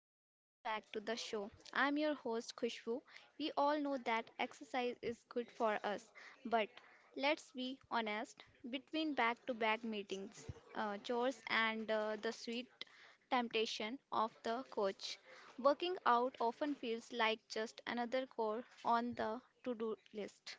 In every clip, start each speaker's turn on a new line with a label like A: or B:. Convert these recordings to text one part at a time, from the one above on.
A: and welcome back to the show. I'm your host Khushbu. We all know that exercise is good for us, but let's be honest, between back-to-back meetings, chores and the sweet temptation of the coach, working out often feels like just another chore on the to-do list.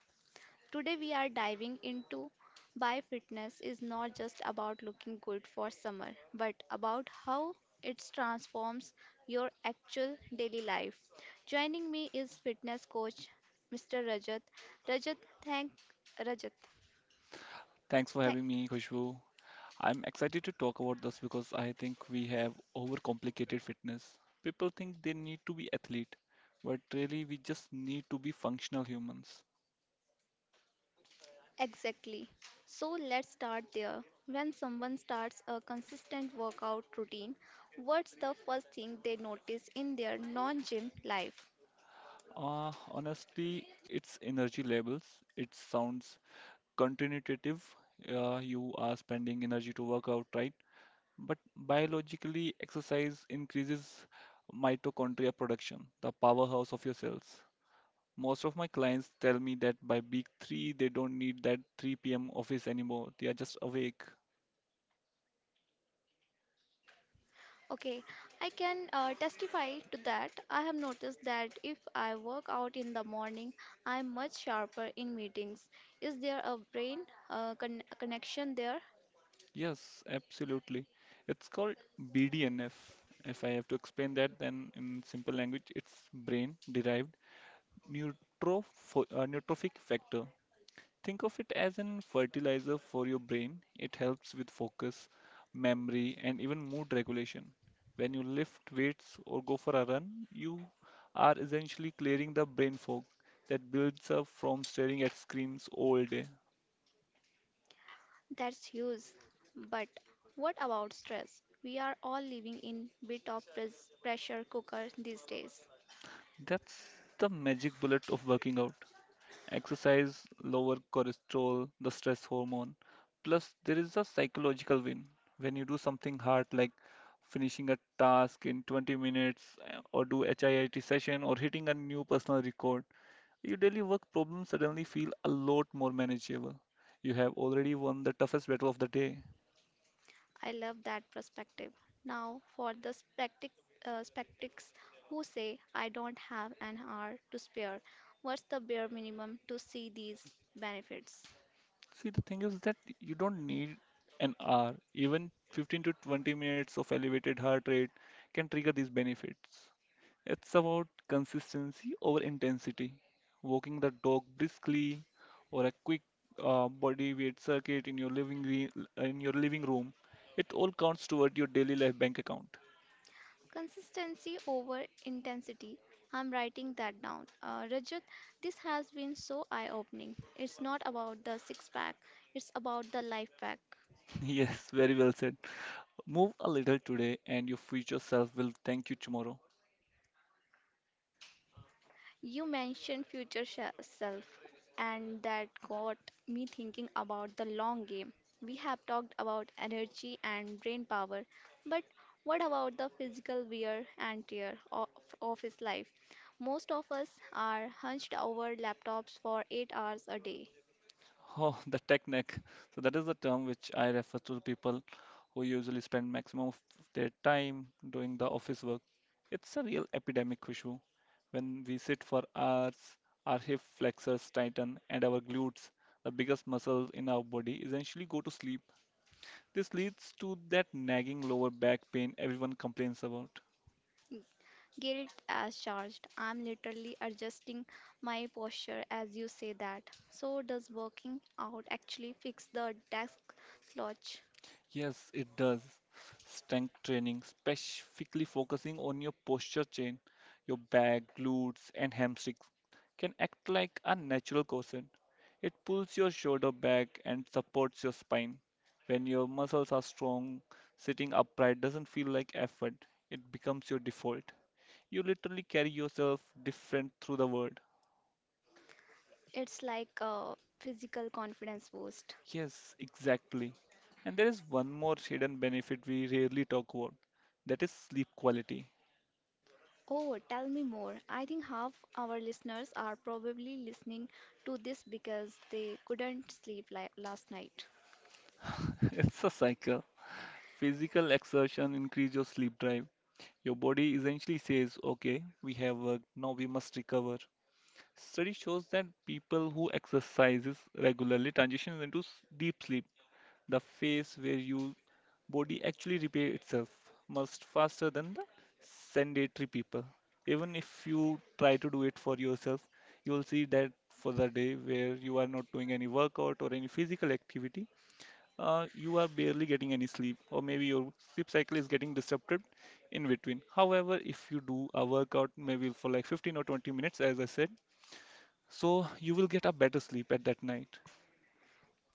A: Today we are diving into why fitness is not just about looking good for summer, but about how it transforms your actual daily life. Joining me is fitness coach Mr. Rajat. Rajat, thank Rajat.
B: Thanks for
A: Thank
B: having me, Khushbu. I'm excited to talk about this because I think we have overcomplicated fitness. People think they need to be athlete, but really we just need to be functional humans.
A: Exactly. So let's start there. When someone starts a consistent workout routine, what's the first thing they notice in their non-gym life?
B: Honestly, it's energy labels. It sounds counterintuitive. You are spending energy to work out, right? But biologically, exercise increases mitochondria production, the powerhouse of your cells. Most of my clients tell me that by week three, they don't need that 3 p.m. office anymore. They are just awake.
A: Okay, I can testify to that. I have noticed that if I work out in the morning, I am much sharper in meetings. Is there a brain connection there?
B: Yes, absolutely. It's called BDNF. If I have to explain that, then in simple language, it's brain-derived neutropho neurotrophic factor. Think of it as an fertilizer for your brain. It helps with focus, memory, and even mood regulation. When you lift weights or go for a run, you are essentially clearing the brain fog that builds up from staring at screens all day.
A: That's huge. But what about stress? We are all living in bit of pressure cooker these days.
B: That's the magic bullet of working out. Exercise, lower cholesterol, the stress hormone. Plus, there is a psychological win when you do something hard like finishing a task in 20 minutes or do HIIT session or hitting a new personal record. Your daily work problems suddenly feel a lot more manageable. You have already won the toughest battle of the day.
A: I love that perspective. Now, for the spectics who say, I don't have an hour to spare, what's the bare minimum to see these benefits?
B: See, the thing is that you don't need an hour. Even 15 to 20 minutes of elevated heart rate can trigger these benefits. It's about consistency over intensity. Walking the dog briskly or a quick body weight circuit in your in your living room. It all counts toward your daily life bank account.
A: Consistency over intensity. I'm writing that down. Rajat, this has been so eye opening. It's not about the six pack, it's about the life pack.
B: Yes, very well said. Move a little today and your future self will thank you tomorrow.
A: You mentioned self, and that got me thinking about the long game. We have talked about energy and brain power, but what about the physical wear and tear of office life? Most of us are hunched over laptops for 8 hours a day.
B: Oh, the tech neck. So that is the term which I refer to people who usually spend maximum of their time doing the office work. It's a real epidemic issue. When we sit for hours, our hip flexors tighten and our glutes, the biggest muscles in our body, essentially go to sleep. This leads to that nagging lower back pain everyone complains about.
A: Guilt as charged. I'm literally adjusting my posture as you say that. So, does working out actually fix the desk slouch?
B: Yes, it does. Strength training, specifically focusing on your posture chain, your back, glutes, and hamstrings, can act like a natural cushion. It pulls your shoulder back and supports your spine. When your muscles are strong, sitting upright doesn't feel like effort, it becomes your default. You literally carry yourself different through the world.
A: It's like a physical confidence boost.
B: Yes, exactly. And there is one more hidden benefit we rarely talk about, that is sleep quality.
A: Oh, tell me more. I think half our listeners are probably listening to this because they couldn't sleep li last night.
B: It's a cycle. Physical exertion increase your sleep drive. Your body essentially says, okay, we have worked, now we must recover. Study shows that people who exercises regularly transition into deep sleep, the phase where your body actually repair itself much faster than the sedentary people. Even if you try to do it for yourself, you will see that for the day where you are not doing any workout or any physical activity, you are barely getting any sleep, or maybe your sleep cycle is getting disrupted in between. However, if you do a workout maybe for like 15 or 20 minutes, as I said, so you will get a better sleep at that night.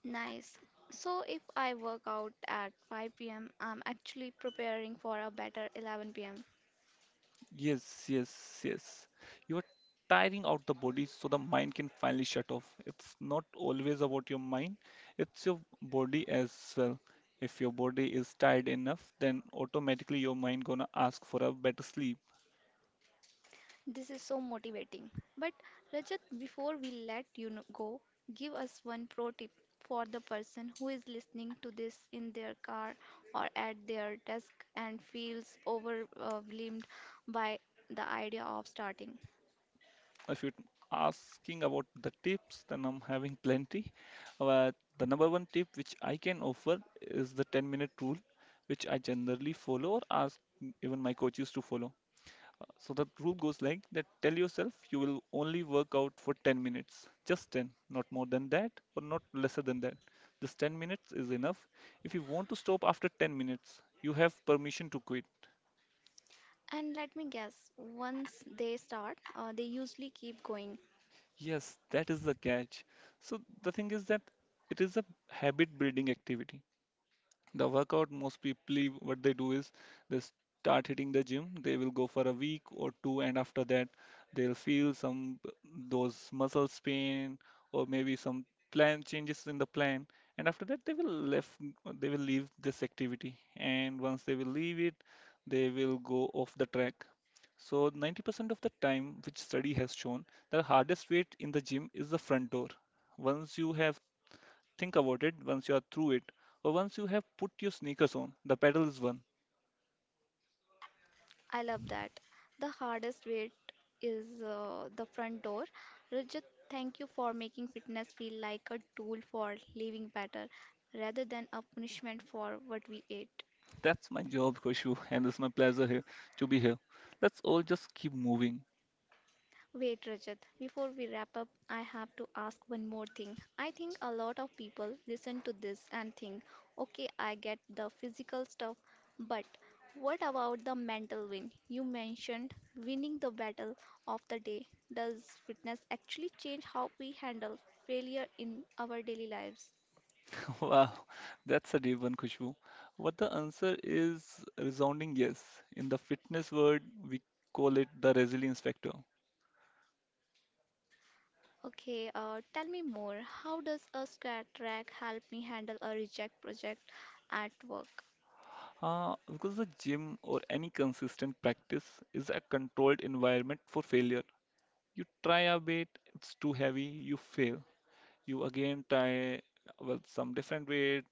A: Nice. So if I work out at 5 p.m., I'm actually preparing for a better 11 p.m.
B: Yes, yes, yes. You are tiring out the body so the mind can finally shut off. It's not always about your mind, it's your body as well. If your body is tired enough, then automatically your mind gonna ask for a better sleep.
A: This is so motivating. But Rajat, before we let go, give us one pro tip for the person who is listening to this in their car or at their desk and feels overwhelmed by the idea of starting.
B: If you're asking about the tips, then I'm having plenty. But the number one tip which I can offer is the 10-minute rule, which I generally follow or ask even my coaches to follow. So the rule goes like that tell yourself you will only work out for 10 minutes, just 10, not more than that or not lesser than that. Just 10 minutes is enough. If you want to stop after 10 minutes, you have permission to quit.
A: And let me guess, once they start, they usually keep going.
B: Yes, that is the catch. So the thing is that it is a habit building activity. The workout, most people, what they do is they start hitting the gym. They will go for a week or two, and after that, they'll feel some those muscles pain or maybe some plan changes in the plan. And after that, they will left. They will leave this activity, and once they will leave it, they will go off the track. So 90% of the time, which study has shown, the hardest weight in the gym is the front door. Once you have think about it, once you are through it or once you have put your sneakers on, the pedal is one.
A: I love that. The hardest weight is the front door. Rajat, thank you for making fitness feel like a tool for living better rather than a punishment for what we ate.
B: That's my job, Koshu, and it's my pleasure here to be here. Let's all just keep moving.
A: Wait, Rajat, before we wrap up, I have to ask one more thing. I think a lot of people listen to this and think, okay, I get the physical stuff, but what about the mental win? You mentioned winning the battle of the day. Does fitness actually change how we handle failure in our daily lives?
B: Wow, that's a deep one, Koshu. What the answer is resounding yes. In the fitness world, we call it the resilience factor.
A: Okay, tell me more. How does a scat track help me handle a reject project at work?
B: Because the gym or any consistent practice is a controlled environment for failure. You try a bit, it's too heavy, you fail. You again try with some different weight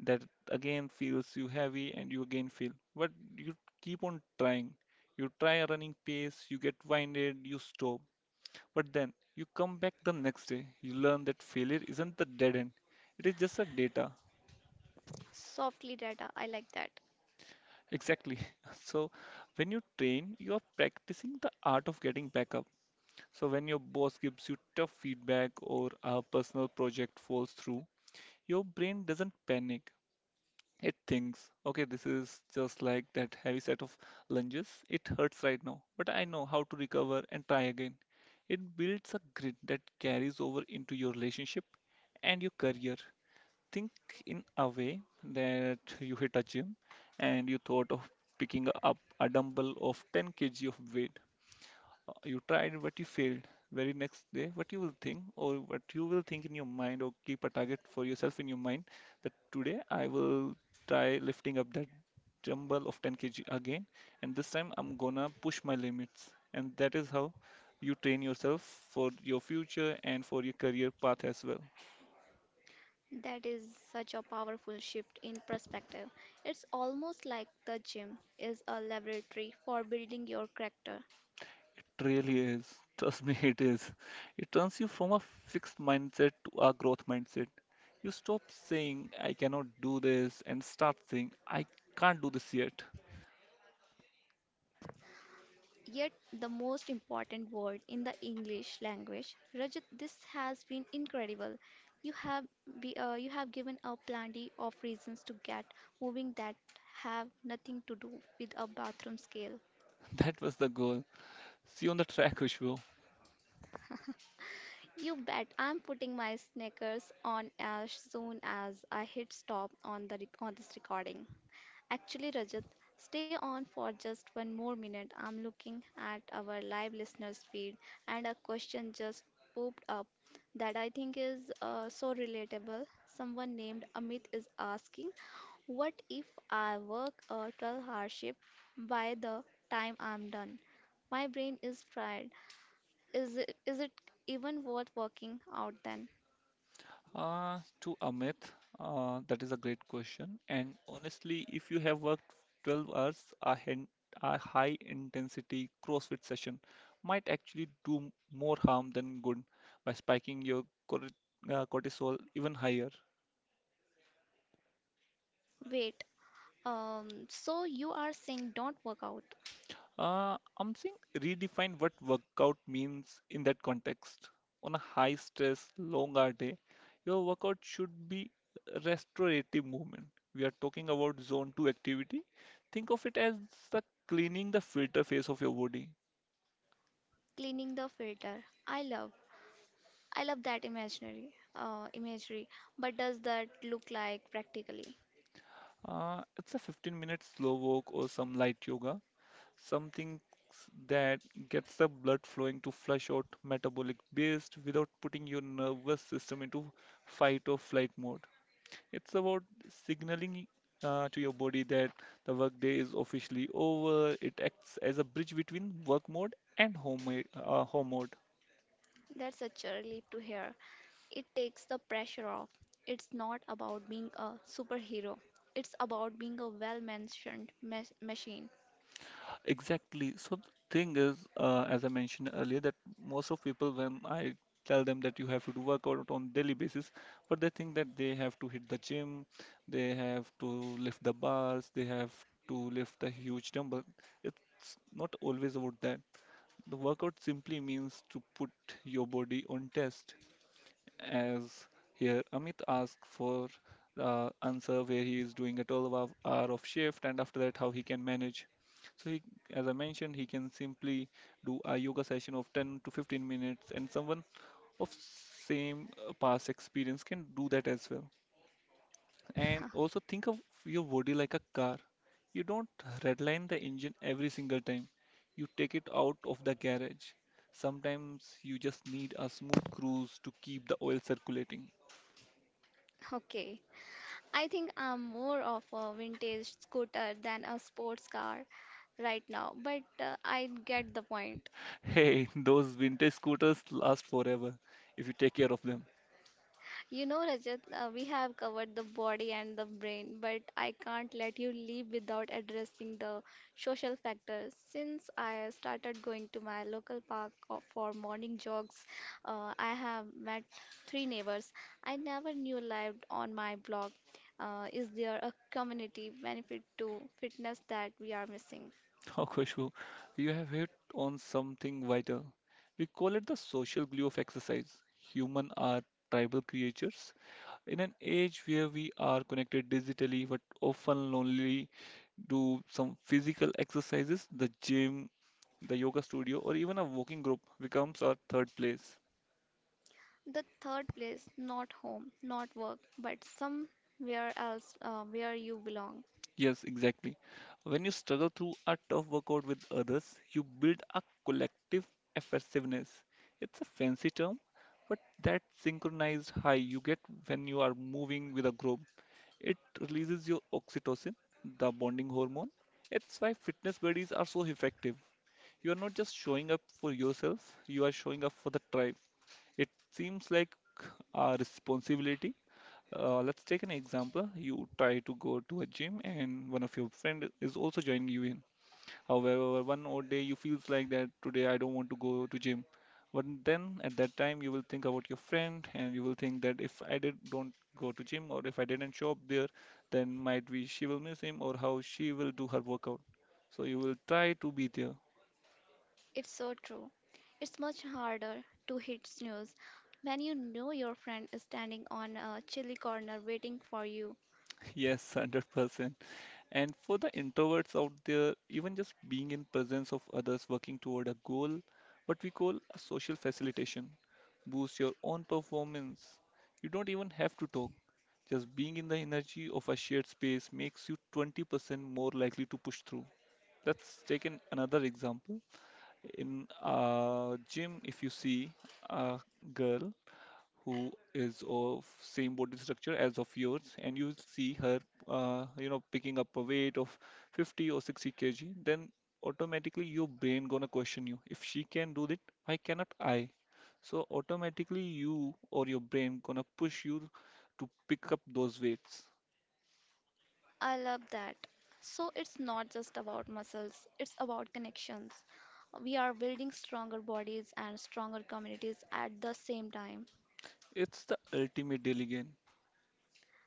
B: that again feels you heavy and you again feel. But you keep on trying. You try a running pace, you get winded, you stop. But then you come back the next day. You learn that failure isn't the dead end. It is just a data.
A: Softly data, I like that.
B: Exactly. So when you train, you are practicing the art of getting back up. So when your boss gives you tough feedback or a personal project falls through, your brain doesn't panic. It thinks, okay, this is just like that heavy set of lunges. It hurts right now, but I know how to recover and try again. It builds a grit that carries over into your relationship and your career. Think in a way that you hit a gym and you thought of picking up a dumbbell of 10 kg of weight, you tried but you failed. Very next day, what you will think, or what you will think in your mind, or keep a target for yourself in your mind that today I will try lifting up that jumble of 10 kg again, and this time I'm gonna push my limits. And that is how you train yourself for your future and for your career path as well.
A: That is such a powerful shift in perspective. It's almost like the gym is a laboratory for building your character.
B: It really is. Trust me, it is. It turns you from a fixed mindset to a growth mindset. You stop saying, I cannot do this, and start saying, I can't do this yet.
A: Yet, the most important word in the English language, Rajat, this has been incredible. You have you have given a plenty of reasons to get moving that have nothing to do with a bathroom scale.
B: That was the goal. See you on the track, Vishnu.
A: You bet I'm putting my sneakers on as soon as I hit stop on on this recording. Actually, Rajat, stay on for just one more minute. I'm looking at our live listeners feed and a question just popped up that I think is so relatable. Someone named Amit is asking, what if I work a 12-hour shift by the time I'm done? My brain is fried. Is it even worth working out then?
B: To Amit, that is a great question. And honestly, if you have worked 12 hours, a high intensity CrossFit session might actually do more harm than good by spiking your cor- cortisol even higher.
A: Wait, so you are saying don't work out?
B: I'm saying redefine what workout means in that context. On a high stress, long hour day, your workout should be restorative movement. We are talking about zone 2 activity. Think of it as the cleaning the filter phase of your body.
A: Cleaning the filter. I love. I love that imaginary imagery, but does that look like practically?
B: It's a 15-minute slow walk or some light yoga, something that gets the blood flowing to flush out metabolic waste without putting your nervous system into fight or flight mode. It's about signaling to your body that the workday is officially over. It acts as a bridge between work mode and home, home mode.
A: That's such a relief to hear. It takes the pressure off. It's not about being a superhero. It's about being a machine.
B: Exactly. So the thing is, as I mentioned earlier, that most of people, when I tell them that you have to do workout on daily basis, but they think that they have to hit the gym, they have to lift the bars, they have to lift the huge dumbbell. It's not always about that. The workout simply means to put your body on test. As here Amit asked for the answer where he is doing a 12 hour of shift and after that how he can manage. So he, as I mentioned, he can simply do a yoga session of 10 to 15 minutes, and someone of same past experience can do that as well. And also think of your body like a car. You don't redline the engine every single time. You take it out of the garage. Sometimes you just need a smooth cruise to keep the oil circulating.
A: Okay, I think I'm more of a vintage scooter than a sports car right now, but I get the point.
B: Hey, those vintage scooters last forever if you take care of them.
A: You know, Rajat, we have covered the body and the brain, but I can't let you leave without addressing the social factors. Since I started going to my local park for morning jogs, I have met three neighbors I never knew lived on my block. Is there a community benefit to fitness that we are missing?
B: Oh, Khushbu, you have hit on something vital. We call it the social glue of exercise. Human are tribal creatures. In an age where we are connected digitally but often lonely, do some physical exercises, the gym, the yoga studio, or even a walking group becomes our third place.
A: The third place, not home, not work, but somewhere else where you belong.
B: Yes, exactly. When you struggle through a tough workout with others, you build a collective effectiveness. It's a fancy term, but that synchronized high you get when you are moving with a group. It releases your oxytocin, the bonding hormone. It's why fitness buddies are so effective. You are not just showing up for yourself, you are showing up for the tribe. It seems like a responsibility. Let's take an example. You try to go to a gym and one of your friend is also joining you in. However, one odd day you feels like that today I don't want to go to gym. But then at that time you will think about your friend and you will think that if I did don't go to gym or if I didn't show up there, then might be she will miss him or how she will do her workout. So you will try to be there.
A: It's so true. It's much harder to hit snooze when you know your friend is standing on a chilly corner waiting for you.
B: Yes, 100%. And for the introverts out there, even just being in presence of others working toward a goal, what we call a social facilitation, boosts your own performance. You don't even have to talk. Just being in the energy of a shared space makes you 20% more likely to push through. Let's take another example. In a gym, if you see a girl who is of same body structure as of yours and you see her picking up a weight of 50 or 60 kg, then automatically your brain gonna question you, if she can do that why cannot I? So automatically you or your brain gonna push you to pick up those weights.
A: I love that. So it's not just about muscles, it's about connections. We are building stronger bodies and stronger communities at the same time.
B: It's the ultimate daily gain.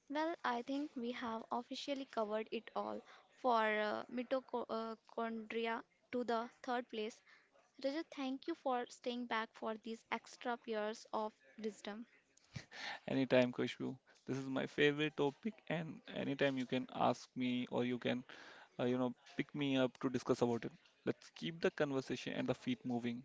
A: Well, I think we have officially covered it all for mitochondria to the third place. Rajat, thank you for staying back for these extra years of wisdom.
B: Anytime, Kushbu. This is my favorite topic and anytime you can ask me or you can pick me up to discuss about it. Let's keep the conversation and the feet moving.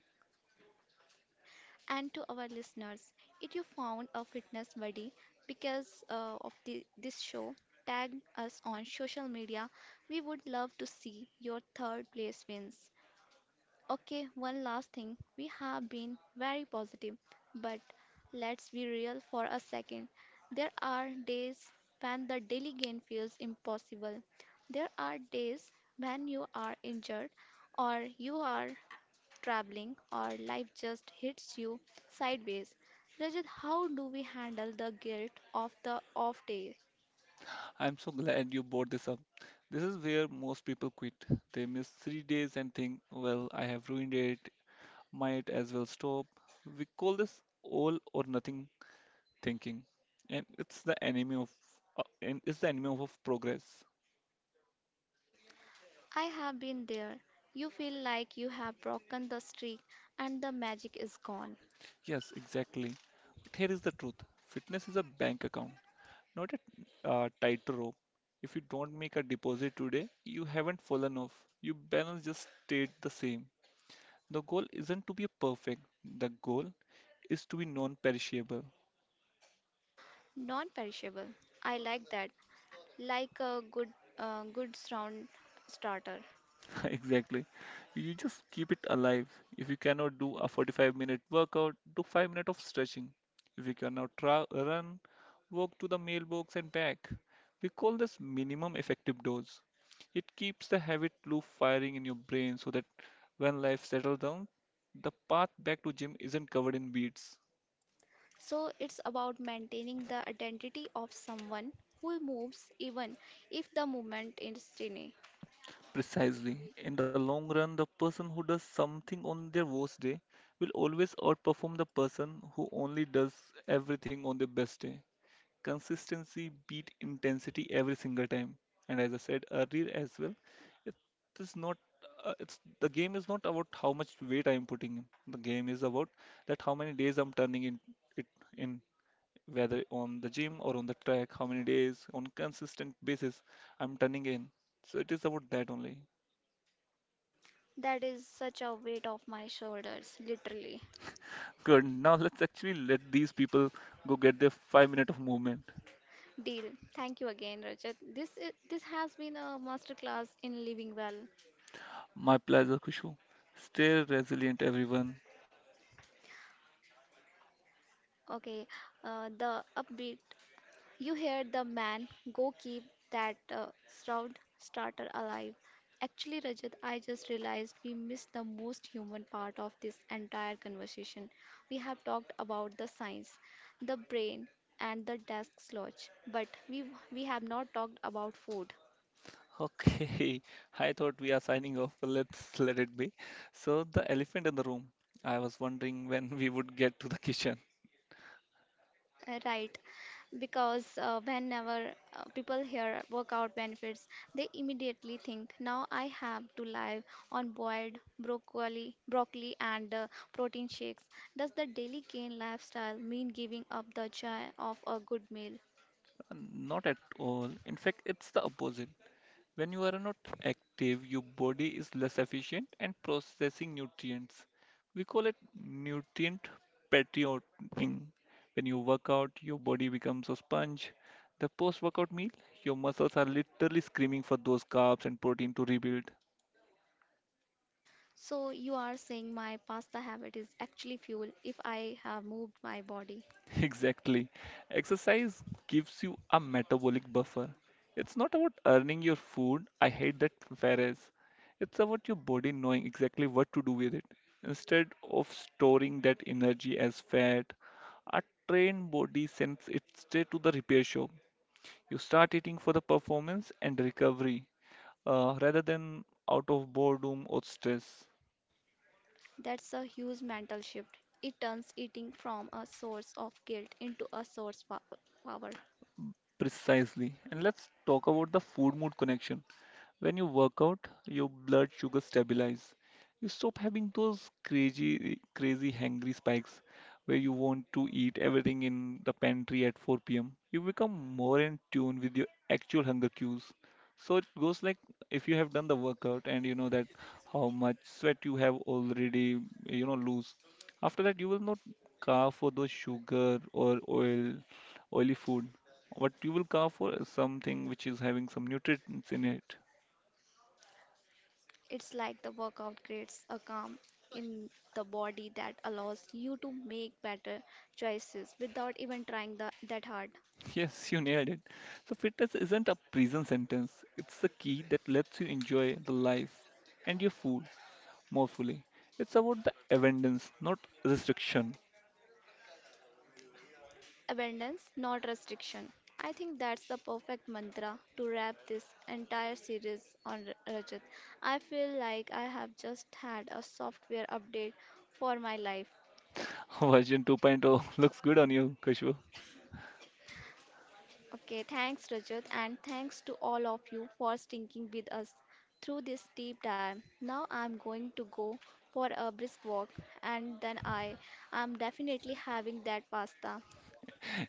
A: And to our listeners. If you found a fitness buddy because of this show, tag us on social media. We would love to see your third place wins. Okay, one last thing. We have been very positive, but let's be real for a second. There are days when the daily gain feels impossible. There are days when you are injured or you are traveling, or life just hits you sideways. Rajat, how do we handle the guilt of the off day?
B: I'm so glad you brought this up. This is where most people quit. They miss 3 days and think, well, I have ruined it, might as well stop. We call this all or nothing thinking, and it's the enemy of progress.
A: I have been there. You feel like you have broken the streak and the magic is gone.
B: Yes, exactly. But here is the truth. Fitness is a bank account, not a tightrope. If you don't make a deposit today, you haven't fallen off. Your balance just stayed the same. The goal isn't to be perfect, the goal is to be non perishable.
A: Non perishable. I like that. Like a good round starter.
B: Exactly. You just keep it alive. If you cannot do a 45-minute workout, do 5 minutes of stretching. If you cannot run, walk to the mailbox and back. We call this minimum effective dose. It keeps the habit loop firing in your brain so that when life settles down, the path back to gym isn't covered in weeds.
A: So it's about maintaining the identity of someone who moves even if the movement is tiny.
B: Precisely. In the long run, the person who does something on their worst day will always outperform the person who only does everything on their best day. Consistency beat intensity every single time. And as I said earlier as well, it is not it's the game is not about how much weight I'm putting in. The game is about that how many days I'm turning it in whether on the gym or on the track, how many days on consistent basis I'm turning in. So it is about that only.
A: That is such a weight off my shoulders, literally.
B: Good. Now let's actually let these people go get their 5 minute of movement.
A: Deal. Thank you again, Rajat. This has been a masterclass in living well.
B: My pleasure, Kushu. Stay resilient, everyone.
A: Okay, the upbeat. You heard the man. Go keep that shroud starter alive. Actually, Rajat, I just realized we missed the most human part of this entire conversation. We have talked about the science, the brain, and the desk slouch, but we have not talked about food.
B: Okay, I thought we are signing off, but let's let it be. So, the elephant in the room. I was wondering when we would get to the kitchen.
A: Right, because whenever people hear workout benefits, they immediately think, now I have to live on boiled broccoli and protein shakes. Does the daily gain lifestyle mean giving up the joy of a good meal?
B: Not at all. In fact, it's the opposite. When you are not active, your body is less efficient and processing nutrients. We call it nutrient patrioting. When you work out, your body becomes a sponge. The post-workout meal, your muscles are literally screaming for those carbs and protein to rebuild.
A: So you are saying my pasta habit is actually fuel if I have moved my body.
B: Exactly. Exercise gives you a metabolic buffer. It's not about earning your food. I hate that phrase. It's about your body knowing exactly what to do with it. Instead of storing that energy as fat, a trained body sends it straight to the repair shop. You start eating for the performance and recovery, rather than out of boredom or stress.
A: That's a huge mental shift. It turns eating from a source of guilt into a source of power.
B: Precisely. And let's talk about the food mood connection. When you work out, your blood sugar stabilize. You stop having those crazy hangry spikes where you want to eat everything in the pantry at 4 p.m. You become more in tune with your actual hunger cues. So it goes like if you have done the workout and you know that how much sweat you have already, you know, lose. After that, you will not carve for those oily food. What you will carve for is something which is having some nutrients in it.
A: It's like the workout creates a calm in the body that allows you to make better choices without even trying that hard.
B: Yes, you nailed it. So, fitness isn't a prison sentence, it's the key that lets you enjoy the life and your food more fully. It's about the abundance, not restriction.
A: Abundance, not restriction. I think that's the perfect mantra to wrap this entire series on Rajat. I feel like I have just had a software update for my life.
B: Version 2.0 looks good on you, Kushbu.
A: Okay, thanks Rajat and thanks to all of you for sticking with us through this deep dive. Now I'm going to go for a brisk walk and then I am definitely having that pasta.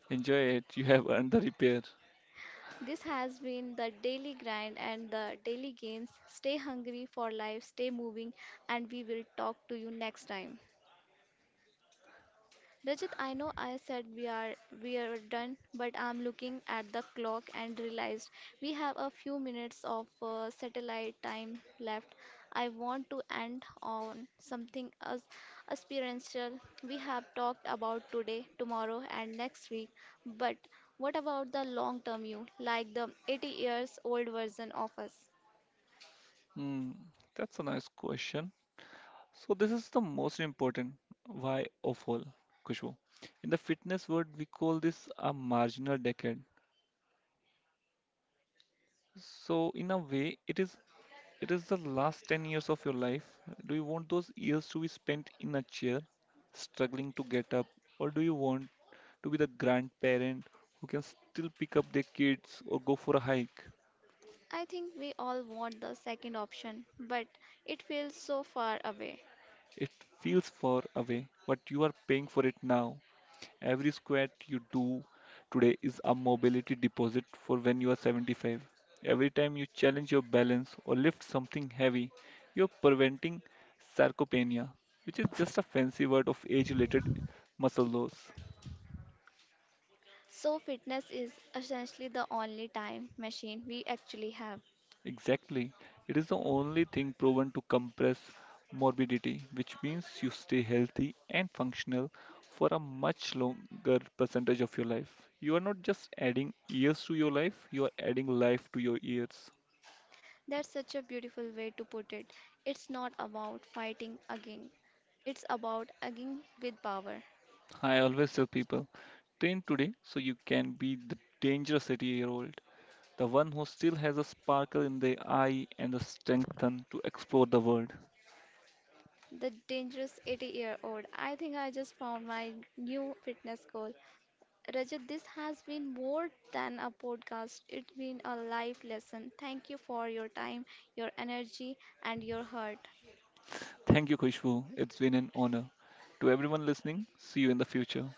B: Enjoy it, you have earned the repair.
A: This has been the daily grind and the daily gains. Stay hungry for life, stay moving, and we will talk to you next time. Rajat, I know I said we are done, but I'm looking at the clock and realized we have a few minutes of satellite time left. I want to end on something as experiential. We have talked about today, tomorrow, and next week, but what about the long-term you, like the 80 years old version of us?
B: Hmm, that's a nice question. So, this is the most important why of all, Kushbu. In the fitness world, we call this a marginal decade. So, in a way, it is the last 10 years of your life. Do you want those years to be spent in a chair, struggling to get up, or do you want to be the grandparent who can still pick up their kids or go for a hike?
A: I think we all want the second option, but it feels so far away.
B: It feels far away, but you are paying for it now. Every squat you do today is a mobility deposit for when you are 75. Every time you challenge your balance or lift something heavy, you're preventing sarcopenia, which is just a fancy word of age related muscle loss.
A: So, fitness is essentially the only time machine we actually have.
B: Exactly. It is the only thing proven to compress morbidity, which means you stay healthy and functional for a much longer percentage of your life. You are not just adding years to your life, you are adding life to your years.
A: That's such a beautiful way to put it. It's not about fighting again, it's about again with power.
B: I always tell people, train today so you can be the dangerous 80-year-old, the one who still has a sparkle in the eye and the strength to explore the world.
A: The dangerous 80-year-old. I think I just found my new fitness goal. Rajat, this has been more than a podcast, it's been a life lesson. Thank you for your time, your energy, and your heart.
B: Thank you, Khushbu. It's been an honor. To everyone listening, see you in the future.